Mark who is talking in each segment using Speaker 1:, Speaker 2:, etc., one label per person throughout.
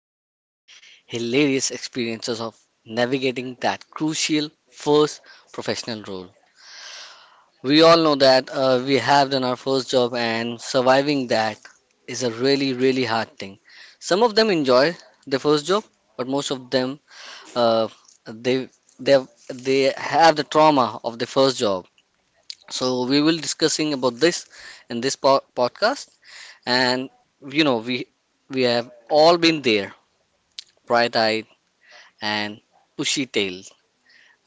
Speaker 1: often hilarious experiences of navigating that crucial first professional role. We all know that we have done our first job, and surviving that is a really, really hard thing. Some of them enjoy their first job, but most of them uh, they they have the trauma of the first job. So we will discussing about this in this podcast, and you know we we have all been there, bright-eyed and bushy-tailed,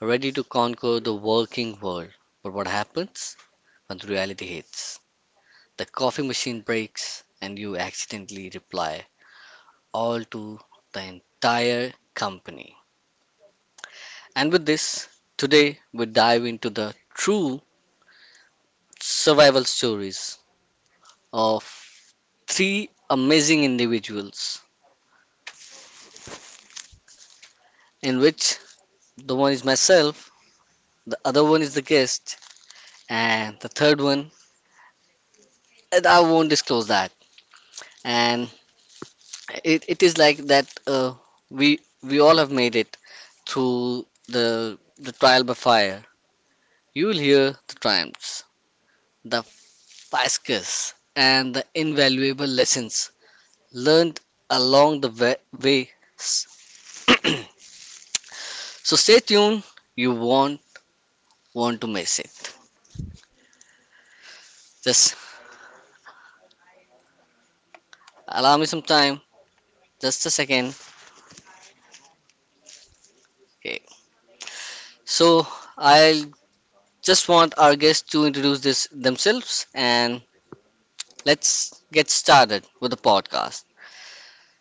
Speaker 1: ready to conquer the working world. But what happens when reality hits? The coffee machine breaks, and you accidentally reply all to the entire company. And with this, today we dive into the true survival stories of three amazing individuals, in which the one is myself, the other one is the guest, and the third one, and I won't disclose that. And it is like that we all have made it through the trial by fire. You will hear the triumphs, the fiascos, and the invaluable lessons learned along the way. So stay tuned. You won't want to miss it. Just allow me some time. Just a second. Okay. So I'll just want our guests to introduce this themselves, and let's get started with the podcast.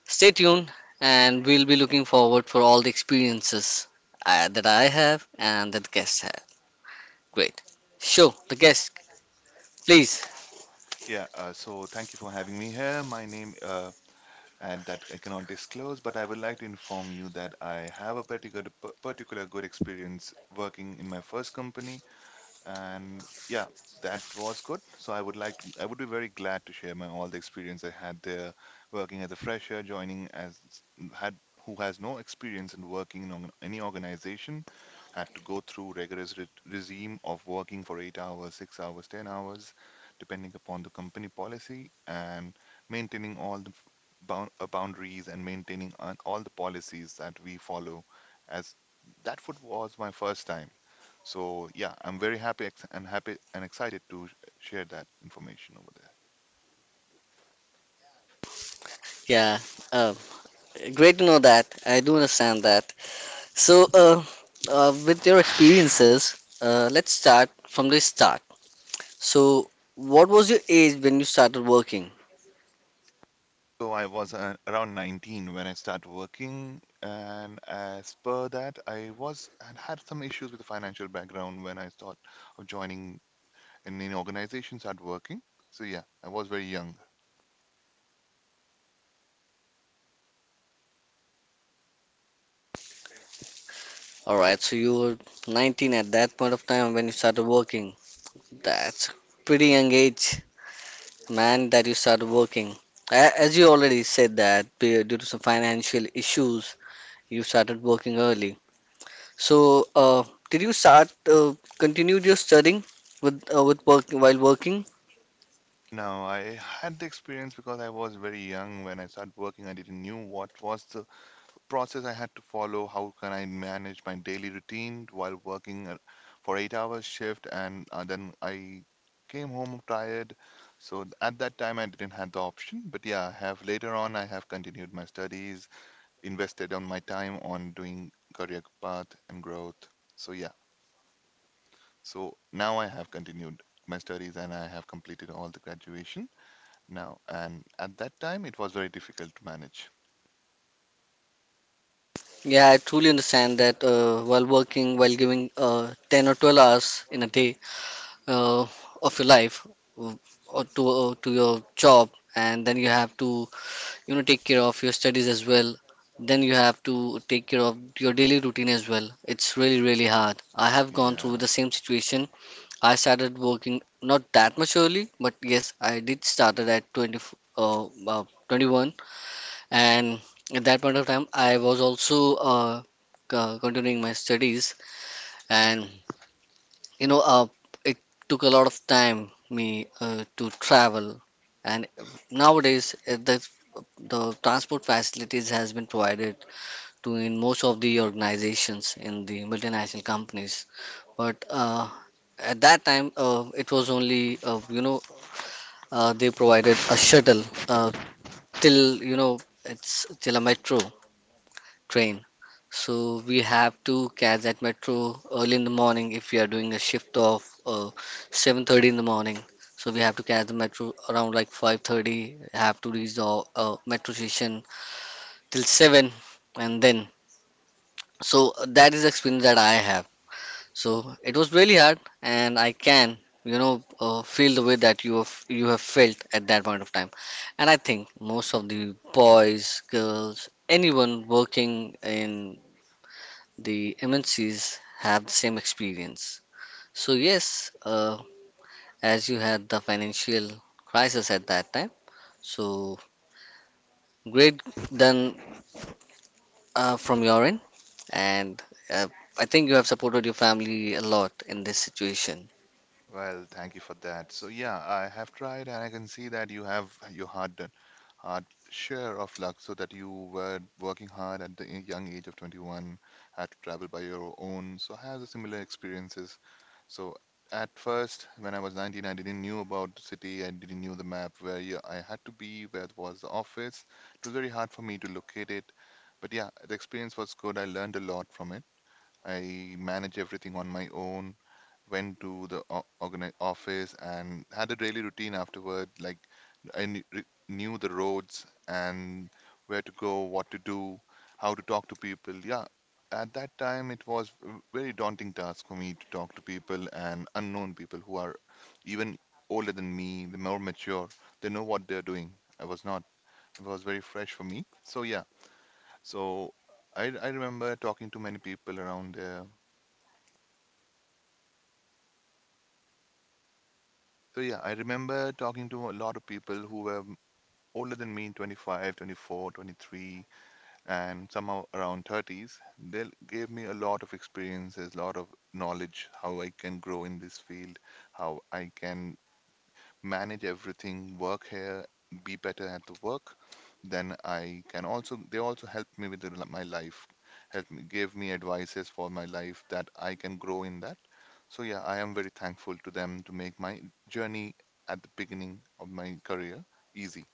Speaker 1: Stay tuned and we'll be looking forward for all the experiences that I have and that guests have. Great. Show the guest, please.
Speaker 2: Yeah, so thank you for having me here. My name, and that I cannot disclose, but I would like to inform you that I have a particular good experience working in my first company. And yeah, that was good. So I would be very glad to share my all the experience I had there working as a fresher, joining as had who has no experience in working in any organization, had to go through rigorous regime of working for 8 hours, 6 hours, 10 hours, depending upon the company policy, and maintaining all the boundaries and maintaining on all the policies that we follow. As that foot was my first time, so yeah, I'm very happy and excited to share that information over there.
Speaker 1: Yeah, uh, great to know that. I do understand that. So, with your experiences, let's start from the start. So, what was your age when you started working?
Speaker 2: So I was around 19 when I started working, and as per that, I was had had some issues with the financial background when I thought of joining an organization, start working. So yeah, I was very young.
Speaker 1: All right, so you were 19 at that point of time when you started working.
Speaker 2: Yes.
Speaker 1: That's a pretty young age, man, that you started working. As you already said that due to some financial issues, you started working early. So, did you start continued your studying with work while working?
Speaker 2: Now I had the experience because I was very young when I started working. I didn't knew what was the process I had to follow. How can I manage my daily routine while working for 8 hours shift? And then I came home tired. So at that time, I didn't have the option. But yeah, I have later on, I have continued my studies, invested on my time on doing career path and growth. So yeah, so now I have continued my studies and I have completed all the graduation now. And at that time, it was very difficult to manage.
Speaker 1: Yeah, I truly understand that while working, while giving 10 or 12 hours in a day uh, of your life uh, or to your job, and then you have to take care of your studies as well. Then you have to take care of your daily routine as well. It's really really hard. I have gone through
Speaker 2: Yeah.
Speaker 1: the same situation. I started working not that much early, but yes, I did started at 21, and at that point of time, I was also continuing my studies, and you know, uh, it took a lot of time me to travel, and nowadays the transport facilities has been provided to in most of the organizations in the multinational companies, but at that time it was only they provided a shuttle uh, till it's till a metro train. So we have to catch that metro early in the morning if we are doing a shift of 7:30 in the morning. So we have to catch the metro around like 5:30. Have to reach the metro station till 7, and then so that is the experience that I have. So it was really hard, and I can, feel the way that you have felt at that point of time. And I think most of the boys, girls, anyone working in the MNCs have the same experience. So yes, as you had the financial crisis at that time, so great done from your end, and uh, I think you have supported your family a lot in this situation.
Speaker 2: Well, thank you for that. So yeah, I have tried and I can see that you have your hard share of luck so that you were working hard at the young age of 21, had to travel by your own. So I have the similar experiences. So at first, when I was 19, I didn't knew about the city. I didn't knew the map, where I had to be, where was the office. It was very hard for me to locate it. But yeah, the experience was good. I learned a lot from it. I manage everything on my own, went to the o- organi office and had a daily routine afterward. Like I knew the roads and where to go, what to do, how to talk to people. Yeah, at that time it was a very daunting task for me to talk to people and unknown people who are even older than me, they're more mature, they know what they're doing. I was not. It was very fresh for me. So yeah, so I remember talking to many people around there. So yeah, I remember talking to a lot of people who were older than me, 25, 24, 23, and somehow around 30s. They gave me a lot of experiences, a lot of knowledge, how I can grow in this field, how I can manage everything, work here, be better at the work, then I can also they also helped me with my life, helped me, gave me advices for my life that I can grow in that. So yeah, I am very thankful to them to make my journey at the beginning of my career easy.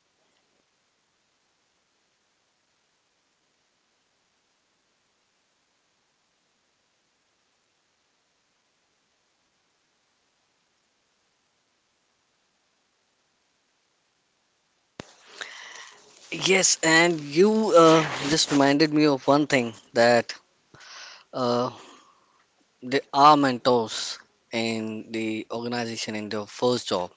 Speaker 1: Yes, and you just reminded me of one thing, that uh, there are mentors in the organization in their first job.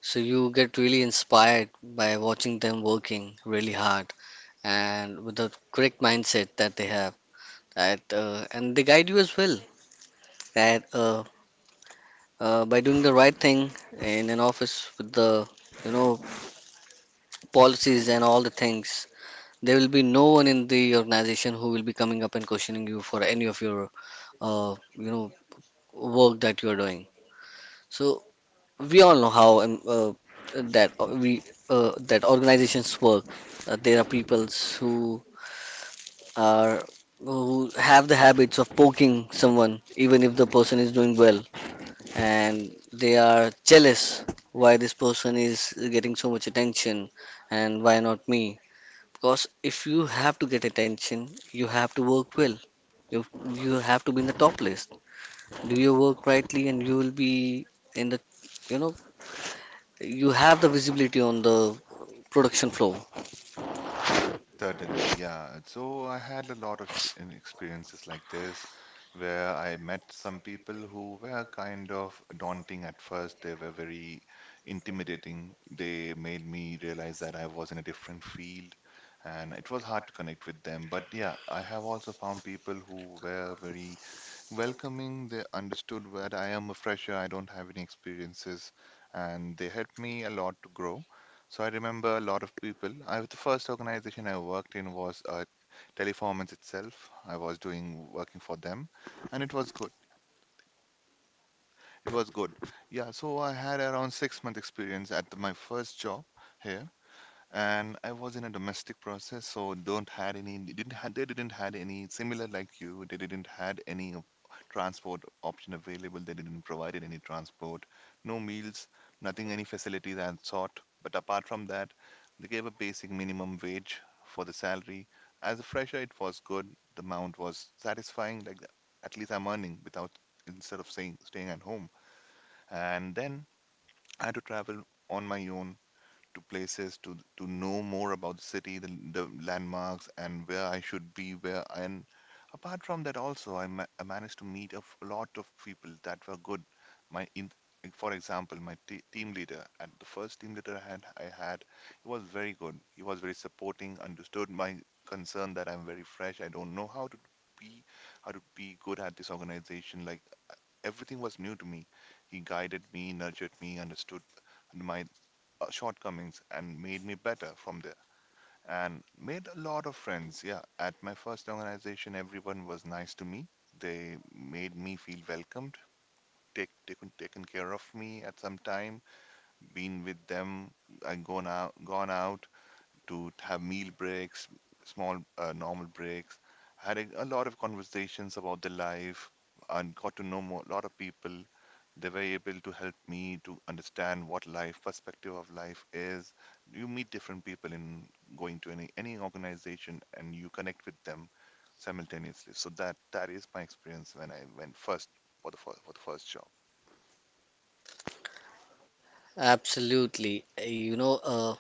Speaker 1: So you get really inspired by watching them working really hard and with the correct mindset that they have. That and they guide you as well. That by doing the right thing in an office with the you know policies and all the things, there will be no one in the organization who will be coming up and questioning you for any of your uh, you know work that you're doing. So we all know how that uh, we that organizations work. There are peoples who are, who have the habits of poking someone even if the person is doing well, and they are jealous why this person is getting so much attention and why not me. Because if you have to get attention you have to work well. you you have to be in the top list, do your work rightly, and you will be in the you know you have the visibility on the production floor.
Speaker 2: Certainly, yeah. So I had a lot of experiences like this, where I met some people who were kind of daunting at first. They were very intimidating. They made me realize that I was in a different field and it was hard to connect with them. But yeah, I have also found people who were very welcoming. They understood where I am a fresher, I don't have any experiences, and they helped me a lot to grow. So I remember a lot of people. I the first organization I worked in was Teleperformance itself. I was doing working for them, and it was good. It was good. Yeah, so I had around 6 month experience at my first job here, and I was in a domestic process, so don't had any they didn't had any similar like you. They didn't had any transport option available. They didn't provided any transport, no meals, nothing, any facilities and sort. But apart from that, they gave a basic minimum wage for the salary. As a fresher, it was good. The amount was satisfying. Like at least I'm earning, without instead of saying staying at home. And then I had to travel on my own to places, to know more about the city, the landmarks, and where I should be, where, and apart from that also, I managed to meet a lot of people that were good. My in, for example, my team leader, and the first team leader I had, he was very good. He was very supporting, understood my concern that I'm very fresh. I don't know be how to be good at this organization. Like everything was new to me. He guided me, nurtured me, understood my shortcomings and made me better from there, and made a lot of friends. Yeah, at my first organization, everyone was nice to me. They made me feel welcomed, taken care of me at some time. Been with them, I gone out to have meal breaks, small normal breaks. Had a lot of conversations about their life and got to know more, a lot of people. They were able to help me to understand what life, perspective of life is. You meet different people in going to any organization and you connect with them simultaneously. So that is my experience when I went first, for the first job.
Speaker 1: Absolutely. Uh, you know uh,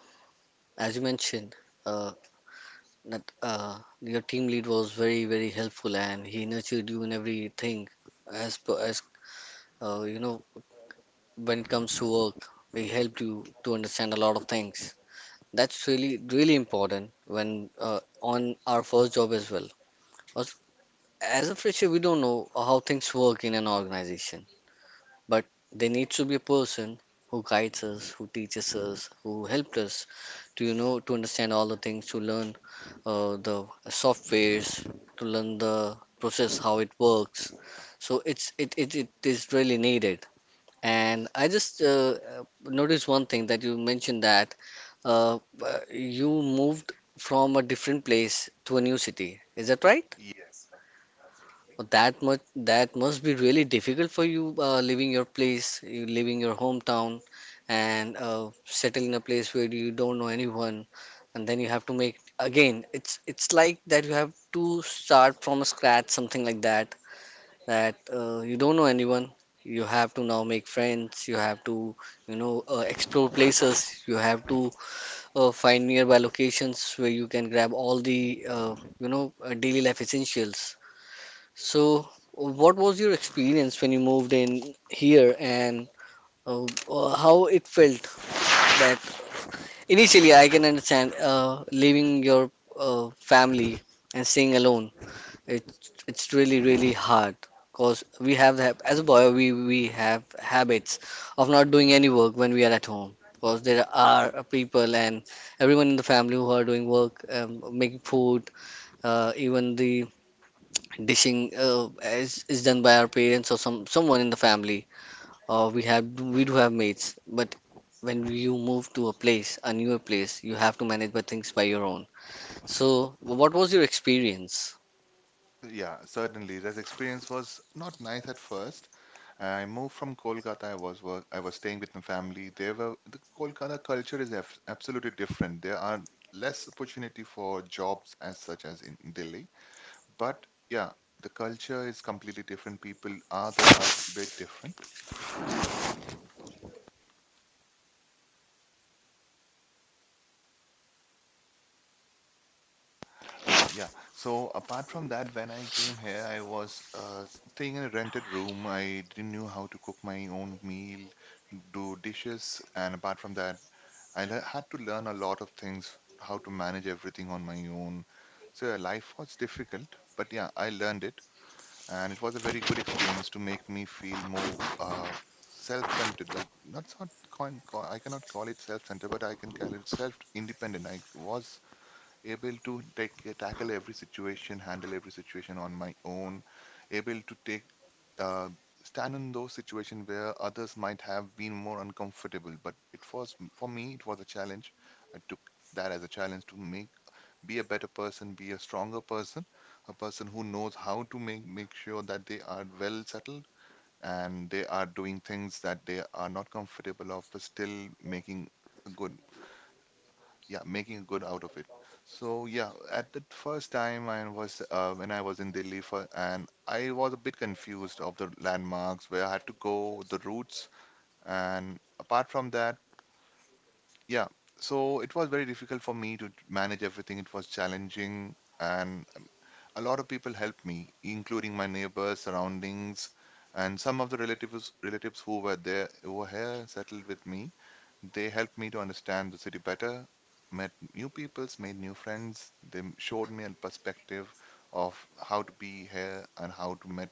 Speaker 1: as you mentioned uh, that uh, your team lead was very very helpful and he nurtured you in everything as per as uh, you know when it comes to work, he helped you to understand a lot of things. That's really really important when uh, on our first job as well. As a fresher we don't know how things work in an organization. But there needs to be a person who guides us, who teaches us, who helped us to to understand all the things, to learn the softwares, to learn the process how it works. So it is really needed. And
Speaker 2: Yes.
Speaker 1: I just noticed one thing that you mentioned, that you moved from a different place to a new city. Is that right? Well, that much, that must be really difficult for you leaving your place, you leaving your hometown, and settle in a place where you don't know anyone, and then you have to make again. It's like that you have to start from scratch, something like that. That you don't know anyone, you have to now make friends. You have to explore places. You have to find nearby locations where you can grab all the daily life essentials. So, what was your experience when you moved in here and how it felt? That initially I can understand leaving your family and staying alone. It, it's really, really hard because we have the, as a boy, we have habits of not doing any work when we are at home. Because there are people and everyone in the family who are doing work, making food, even the dishing is done by our parents or some someone in the family, or we have we do have mates. But when you move to a place, a newer place, you have to manage by things by your own. So what was your experience?
Speaker 2: Yeah, certainly. That experience was not nice at first. I moved from Kolkata. I was staying with my family. The Kolkata culture is absolutely different. There are less opportunity for jobs as such as in Delhi. But yeah, the culture is completely different. People are there are a bit different. Yeah. So apart from that, when I came here, I was staying in a rented room. I didn't know how to cook my own meal, do dishes, and apart from that, I had to learn a lot of things, how to manage everything on my own. So yeah, life was difficult, but yeah, I learned it, and it was a very good experience to make me feel more self-centered. Like not, coin, co I cannot call it self-centered, but I can call it self-independent. I was able to take tackle every situation, handle every situation on my own, able to take uh, stand in those situations where others might have been more uncomfortable. But it was for me, it was a challenge. I took that as a challenge to make be a better person, be a stronger person, a person who knows how to make sure that they are well settled and they are doing things that they are not comfortable of, but still making a good yeah making good out of it. So yeah, at the first time, I was when I was in Delhi, for and I was a bit confused of the landmarks, where I had to go, the routes, and apart from that, yeah, so it was very difficult for me to manage everything. It was challenging, and a lot of people helped me, including my neighbors, surroundings, and some of the relatives who were here settled with me. They helped me to understand the city better, met new peoples, made new friends. They showed me a perspective of how to be here and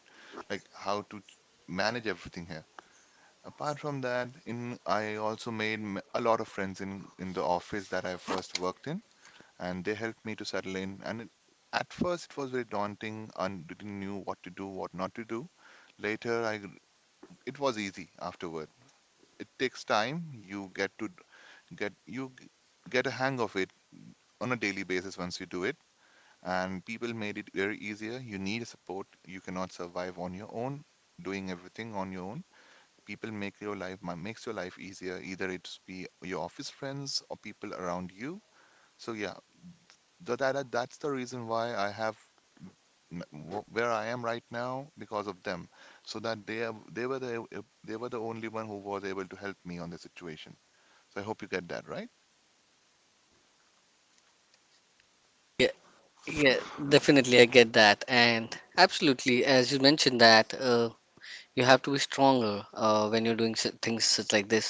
Speaker 2: like how to manage everything here. Apart from that, in I also made a lot of friends in the office that I first worked in, and they helped me to settle in. And at first, it was very daunting and didn't knew what to do, what not to do. Later, I it was easy afterward. It takes time. You get to get you g- get a hang of it on a daily basis once you do it, and people made it very easier. You need support. You cannot survive on your own, doing everything on your own. People make your life makes your life easier, either it's be your office friends or people around you. So yeah, that's the reason why I have where I am right now, because of them. So that they were the, they were the only one who was able to help me on the situation. So I hope you get that right.
Speaker 1: Yeah, yeah, definitely I get that. And absolutely, as you mentioned that you have to be stronger when you're doing things such like this.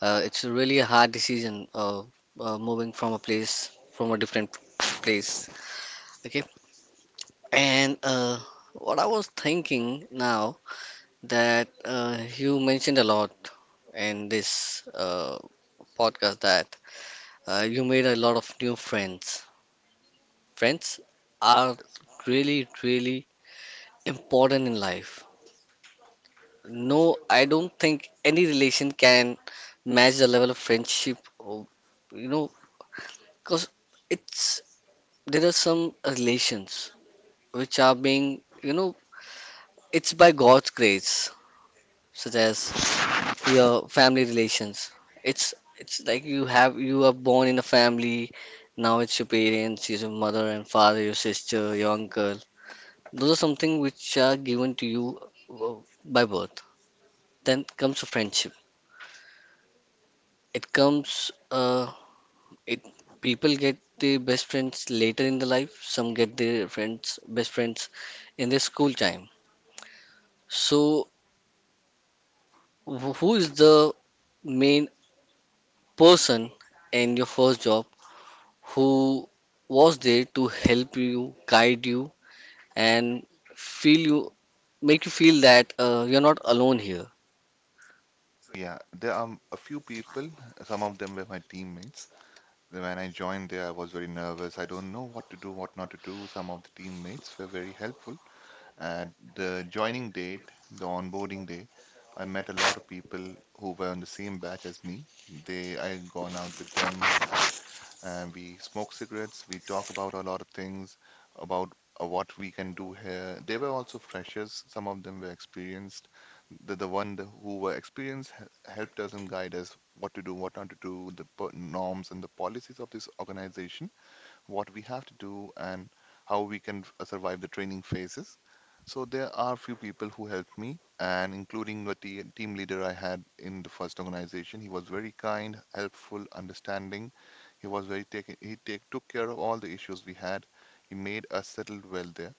Speaker 1: It's really a hard decision moving from a place from a different place. Okay. And what I was thinking now, that you mentioned a lot in this podcast that you made a lot of new friends. Friends are
Speaker 2: Yes.
Speaker 1: really, really important in life. No, I don't think any relation can match the level of friendship. Or, you know, because it's there are some relations which are being, it's by God's grace, such as your family relations. It's it's like you have you are born in a family. Now it's your parents, your mother and father, your sister, your uncle. Those are something which are given to you uh, by birth. Then comes friendship. It comes. It people get their best friends later in the life. Some get their friends best friends in their school time. So who is the main person in your first job, who was there to help you, guide you, and feel you, make you feel that you're not alone here?
Speaker 2: Yeah, there are a few people. Some of them were my teammates. When I joined there, I was very nervous. I don't know what to do, what not to do. Some of the teammates were very helpful. At the joining date, the onboarding day, I met a lot of people who were on the same batch as me. They, I had gone out with them, had and we smoke cigarettes. We talk about a lot of things about what we can do here. They were also freshers. Some of them were experienced. The one who were experienced helped us and guided us what to do, what not to do, the norms and the policies of this organization, what we have to do and how we can survive the training phases. So there are few people who helped me, and including the team leader I had in the first organization. He was very kind, helpful, understanding. He was very take he take took care of all the issues we had. He made us settle well there.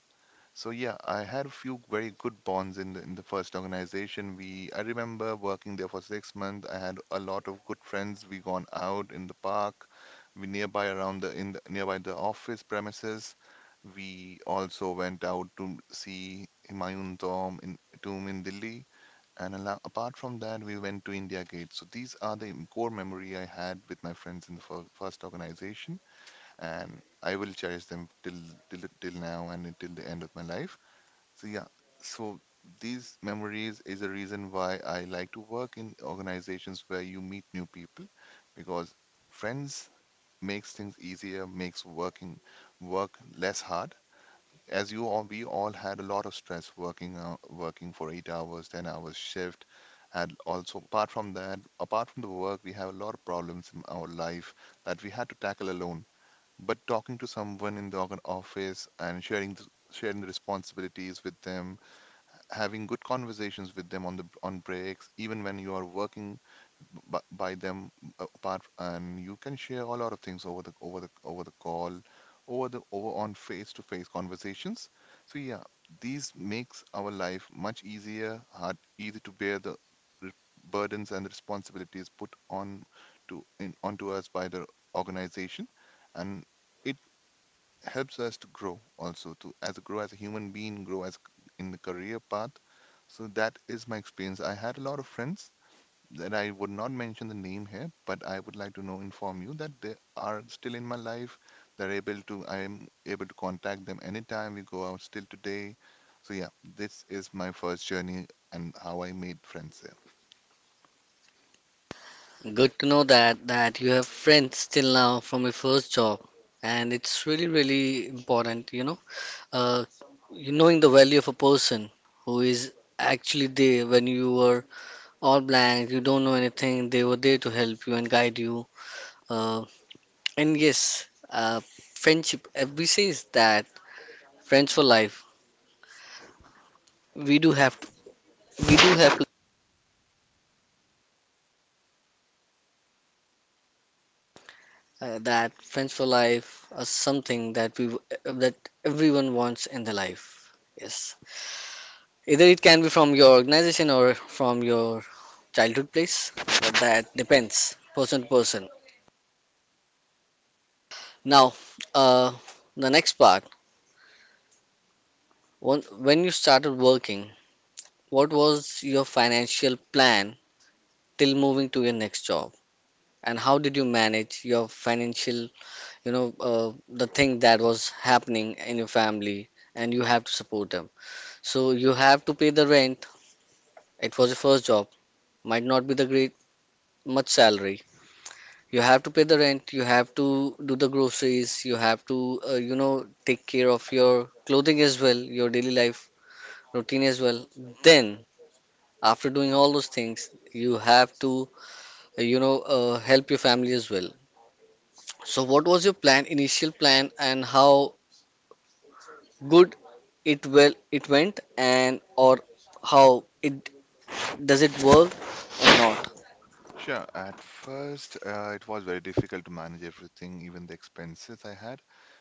Speaker 2: So yeah, I had a few very good bonds in the first organization. We I remember working there for 6 months. I had a lot of good friends. We gone out in the park, we nearby around the in the nearby the office premises. We also went out to see Humayun tomb in Delhi. And apart from that, we went to India Gate. So these are the core memory I had with my friends in the first organization, and I will cherish them till now and until the end of my life. So yeah, so these memories is a reason why I like to work in organizations where you meet new people, because friends makes things easier, makes work less hard. We all had a lot of stress working working for 8 hours, 10 hours shift. And also, apart from that, apart from the work, we have a lot of problems in our life that we had to tackle alone. But talking to someone in the organ office and sharing the responsibilities with them, having good conversations with them on the on breaks, even when you are working by them, and you can share a lot of things over the call, over the over on face-to-face conversations. So yeah, these makes our life much easier, hard, easy to bear the r- burdens and responsibilities put on to in onto us by the organization, and it helps us to grow also, to as grow as a human being, grow as in the career path. So that is my experience. I had a lot of friends that I would not mention the name here, but I would like to know inform you that they are still in my life. They're able to I am able to contact them anytime. We go out still today. So yeah, this is my first journey and how I made friends there.
Speaker 1: Good to know that that you have friends still now from your first job, and it's really really important, uh, you knowing the value of a person who is actually there when you were all blank, you don't know anything. They were there to help you and guide you. Uh, and yes, friendship. We say is that friends for life. We do have we do have that friends for life or something that we that everyone wants in their life. Yes, either it can be from your organization or from your childhood place, but that depends person to person. Now, uh, the next part. When when you started working, what was your financial plan till moving to your next job, and how did you manage your financial, the thing that was happening in your family, and you have to support them. So you have to pay the rent. It was your first job. Might not be the great much salary. You have to pay the rent. You have to do the groceries. You have to take care of your clothing as well, your daily life routine as well. Then after doing all those things, you have to help your family as well. So what was your plan, initial plan, and how good it it went, and or how it does it work or not?
Speaker 2: Sure. At first, it was very difficult to manage everything, even the expenses I had,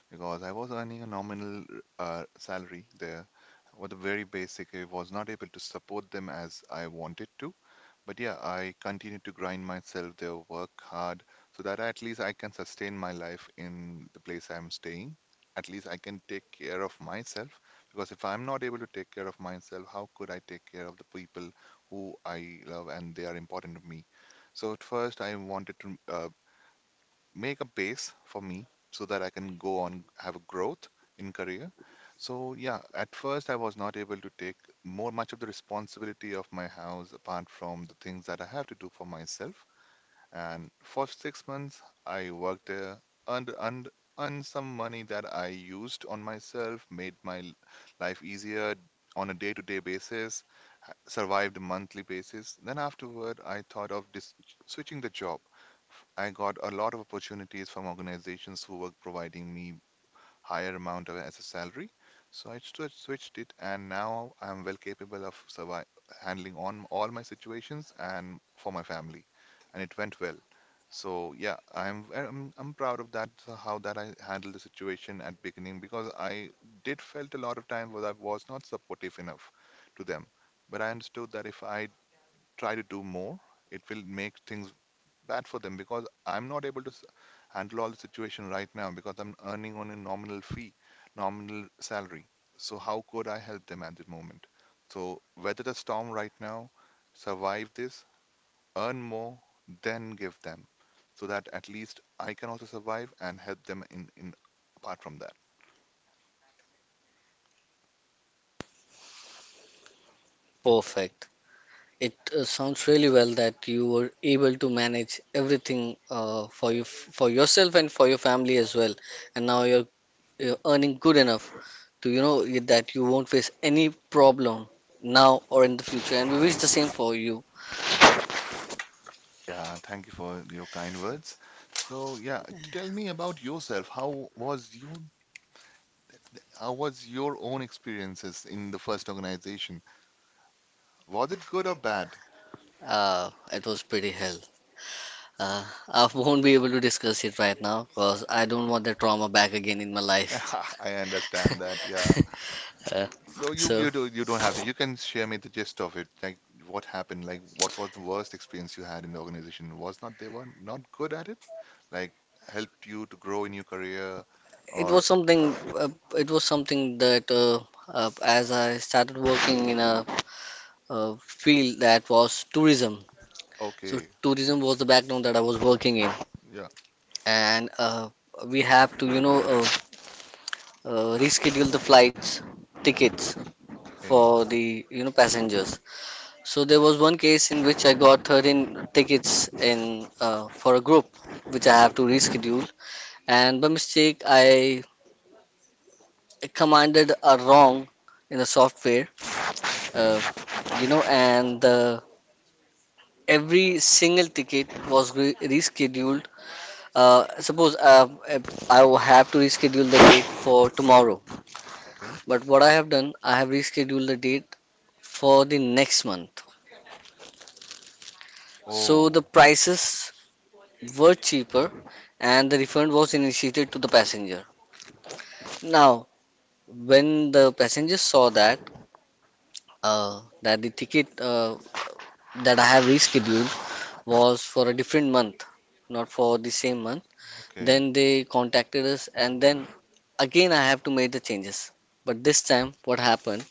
Speaker 2: because I was earning a nominal salary there. With a very basic, I was not able to support them as I wanted to. But yeah, I continue to grind myself there, work hard, so that at least I can sustain my life in the place I'm staying. At least I can take care of myself, because if I'm not able to take care of myself, how could I take care of the people who I love and they are important to me? So at first, I wanted to make a base for me so that I can go on have a growth in career. So yeah, at first I was not able to take more much of the responsibility of my house apart from the things that I have to do for myself. And for 6 months I worked there, earned, earned, earned some money that I used on myself, made my life easier on a day-to-day basis, survived monthly basis. Then afterward, I thought of switching the job. I got a lot of opportunities from organizations who were providing me higher amount of, as a salary. So I switched it, and now I'm well capable of handling on all my situations and for my family. And it went well. So yeah, I'm proud of that, how that I handled the situation at beginning, because I did felt a lot of times where I was not supportive enough to them. But I understood that if I try to do more, it will make things bad for them, because I'm not able to handle all the situation right now, because I'm earning on a nominal fee, nominal salary. So how could I help them at the moment? So weather the storm right now, survive this, earn more, then give them, so that at least I can also survive and help them in apart from that.
Speaker 1: Perfect. It sounds really well that you were able to manage everything for you for yourself and for your family as well, and now you're earning good enough to you know that you won't face any problem now or in the future. And we wish the same for you.
Speaker 2: Yeah, thank you for your kind words. So, yeah, tell me about yourself. How was you? How was your own experiences in the first organization? Was it good or bad?
Speaker 1: It was pretty hell. I won't be able to discuss it right now because I don't want that trauma back again in my life.
Speaker 2: I understand that. Yeah.
Speaker 1: uh,
Speaker 2: So
Speaker 1: so.
Speaker 2: you don't have to. You can share me the gist of it. Like what happened? Like what was the worst experience you had in the organization? Was not they were not good at it? Like helped you to grow in your career
Speaker 1: It
Speaker 2: or
Speaker 1: was something. Uh, it was something that, as I started working in a, field that was tourism. So
Speaker 2: okay.
Speaker 1: tourism was the background that I was working in,
Speaker 2: Yeah.
Speaker 1: and we have to, reschedule the flights tickets
Speaker 2: Okay.
Speaker 1: for the passengers. So there was one case in which I got 13 tickets in for a group, which I have to reschedule, and by mistake I commanded a wrong in the software. Uh,
Speaker 2: Okay.
Speaker 1: you know and Every single ticket was rescheduled, uh, suppose, if I will have to reschedule the date for tomorrow,
Speaker 2: Okay.
Speaker 1: but what I have done, I have rescheduled the date for the next month. So the
Speaker 2: Oh.
Speaker 1: prices were cheaper and the refund was initiated to the passenger. Now, when the passenger saw that, uh, that the ticket, that I have rescheduled was for a different month, not for the same month. Then
Speaker 2: Okay.
Speaker 1: they contacted us, and then again I have to make the changes. But this time, what happened?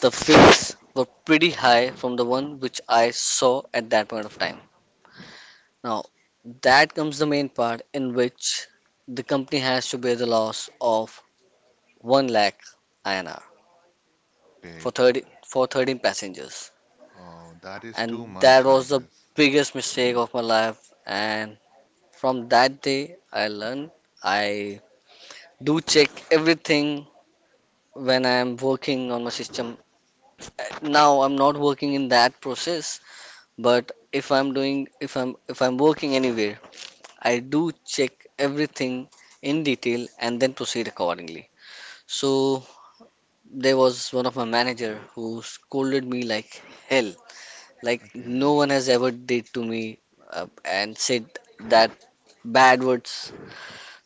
Speaker 1: The fees were pretty high from the one which I saw at that point of time. Now, that comes the main part in which the company has to bear the loss of 1 lakh INR
Speaker 2: Okay.
Speaker 1: for 30 for 13 passengers.
Speaker 2: Oh, that is too
Speaker 1: And that
Speaker 2: much, I
Speaker 1: was the
Speaker 2: guess.
Speaker 1: biggest mistake of my life, and from that day I learned I do check everything when I am working on my system. Now I'm not working in that process, but if I'm working anywhere, I do check everything in detail and then proceed accordingly. So there was one of my manager who scolded me like hell, like
Speaker 2: Okay.
Speaker 1: no one has ever did to me, and said that bad words.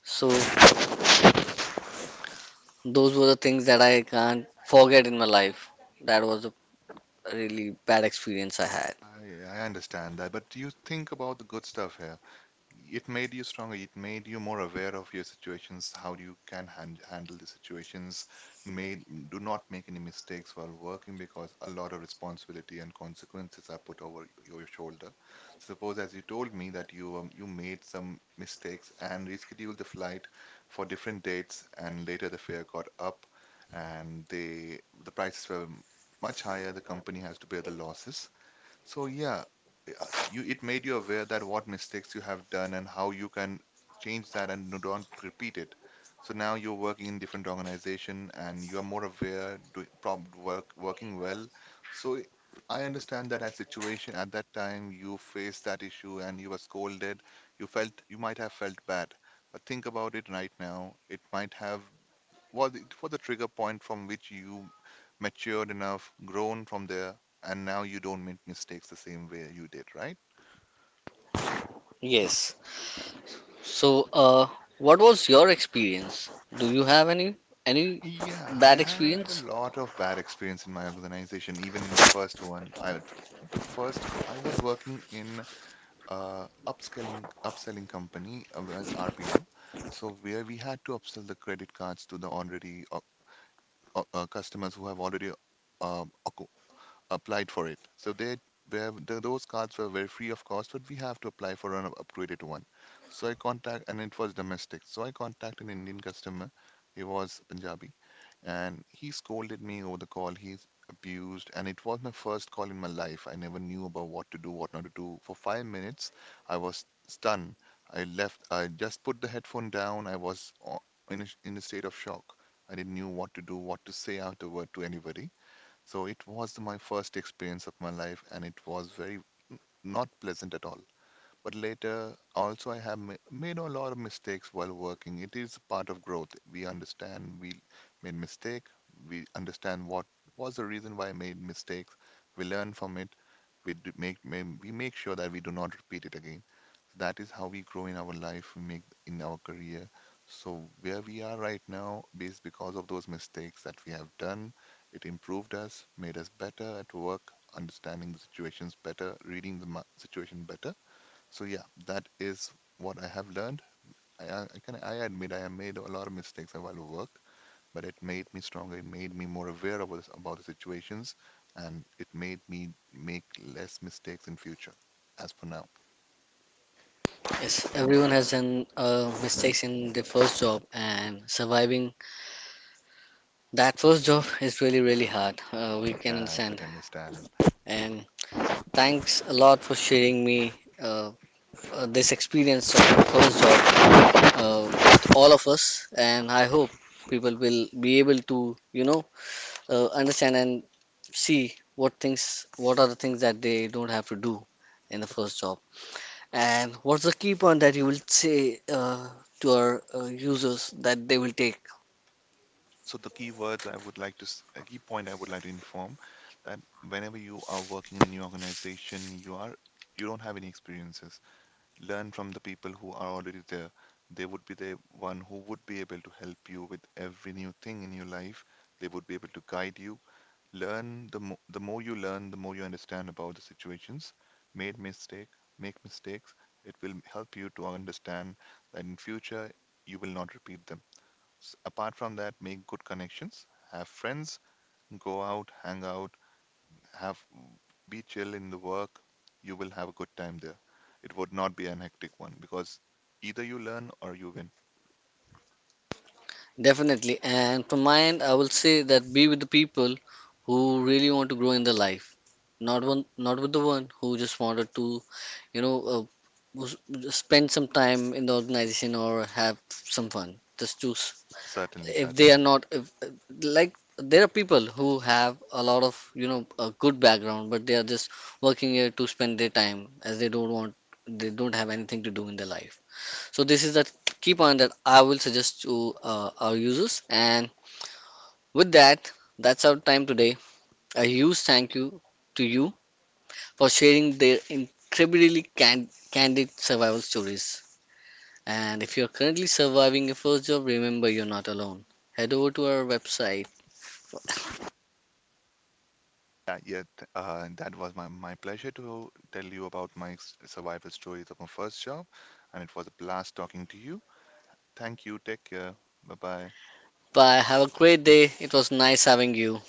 Speaker 1: So those were the things that I can't forget in my life. That was a really bad experience I had.
Speaker 2: I I understand that, but you think about the good stuff here. It made you stronger. It made you more aware of your situations, how you can handle the situations. Made, do not make any mistakes while working, because a lot of responsibility and consequences are put over your shoulder. Suppose, as you told me, that you you made some mistakes and rescheduled the flight for different dates, and later the fare got up, and they, the prices were much higher. The company has to bear the losses. So yeah, you, it made you aware that what mistakes you have done and how you can change that and don't repeat it. So now you're working in different organization and you are more aware, doing prob work working well. So I understand that at situation at that time you faced that issue and you were scolded. You felt, you might have felt bad, but think about it right now. It might have Was it, was the trigger point from which you matured enough, grown from there, and now you don't make mistakes the same way you did, right?
Speaker 1: Yes. So, what was your experience? Do you have any
Speaker 2: Yeah, I
Speaker 1: bad
Speaker 2: had a
Speaker 1: experience?
Speaker 2: lot of bad experience in my organization, even in the first one. I The first I was working in a upscaling upselling company, well, RPL, so where we had to upsell the credit cards to the already customers who have already acquired applied for it. So they were th those cards were very free of cost, but we have to apply for an upgraded one. So I contact, and it was domestic. So I contacted an Indian customer. He was Punjabi, and he scolded me over the call. He's abused, and it was my first call in my life. I never knew about what to do, what not to do. For 5 minutes, I was stunned. I left. I just put the headphone down. I was o- in a, in a state of shock. I didn't knew what to do, what to say afterward to anybody. So it was my first experience of my life, and it was very n- not pleasant at all. But later, also, I have made a lot of mistakes while working. It is part of growth. We understand we made mistake. We understand what was the reason why I made mistakes. We learn from it. We do we make sure that we do not repeat it again. That is how we grow in our life, we make in our career. So where we are right now is because of those mistakes that we have done. It improved us, made us better at work, understanding the situations better, reading the situation better. So yeah, that is what I have learned. I can, I admit I have made a lot of mistakes while at work, but it made me stronger. It made me more aware of this, about the situations, and it made me make less mistakes in future. As for now,
Speaker 1: Yes, everyone has done mistakes in their first job, and surviving that first job is really really hard. We can
Speaker 2: yeah, I
Speaker 1: understand.
Speaker 2: certainly understand.
Speaker 1: And thanks a lot for sharing me uh, this experience of your first job with all of us. And I hope people will be able to understand and see what are the things that they don't have to do in the first job, and what's the key point that you will say to our users that they will take.
Speaker 2: So the keywords I would like to, a key point I would like to inform that whenever you are working in a new organization, you are, you don't have any experiences. Learn from the people who are already there. They would be the one who would be able to help you with every new thing in your life. They would be able to guide you. Learn the mo the more you learn, the more you understand about the situations. Made mistake, make mistakes. It will help you to understand that in future you will not repeat them. Apart from that, make good connections, have friends, go out, hang out, have, be chill in the work. You will have a good time there. It would not be an hectic one, because either you learn or you win.
Speaker 1: Definitely, and from my end I will say that be with the people who really want to grow in their life, not with the one who just wanted to you know uh, who's- spend some time in the organization or have some fun. Just choose,
Speaker 2: Certainly,
Speaker 1: if they are
Speaker 2: certainly.
Speaker 1: not if, like, there are people who have a lot of, you know, a good background, but they are just working here to spend their time as they don't want, they don't have anything to do in their life. So this is the key point that I will suggest to our users. And with that, that's our time today. A huge thank you to you for sharing their incredibly candid survival stories. And if you're currently surviving your first job, remember you're not alone. Head over to our website.
Speaker 2: Yeah, yeah, that was my pleasure to tell you about my survival stories of my first job, and it was a blast talking to you. Thank you. Take care. Bye bye.
Speaker 1: Bye. Have a great day. It was nice having you.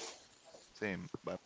Speaker 2: Same. Bye.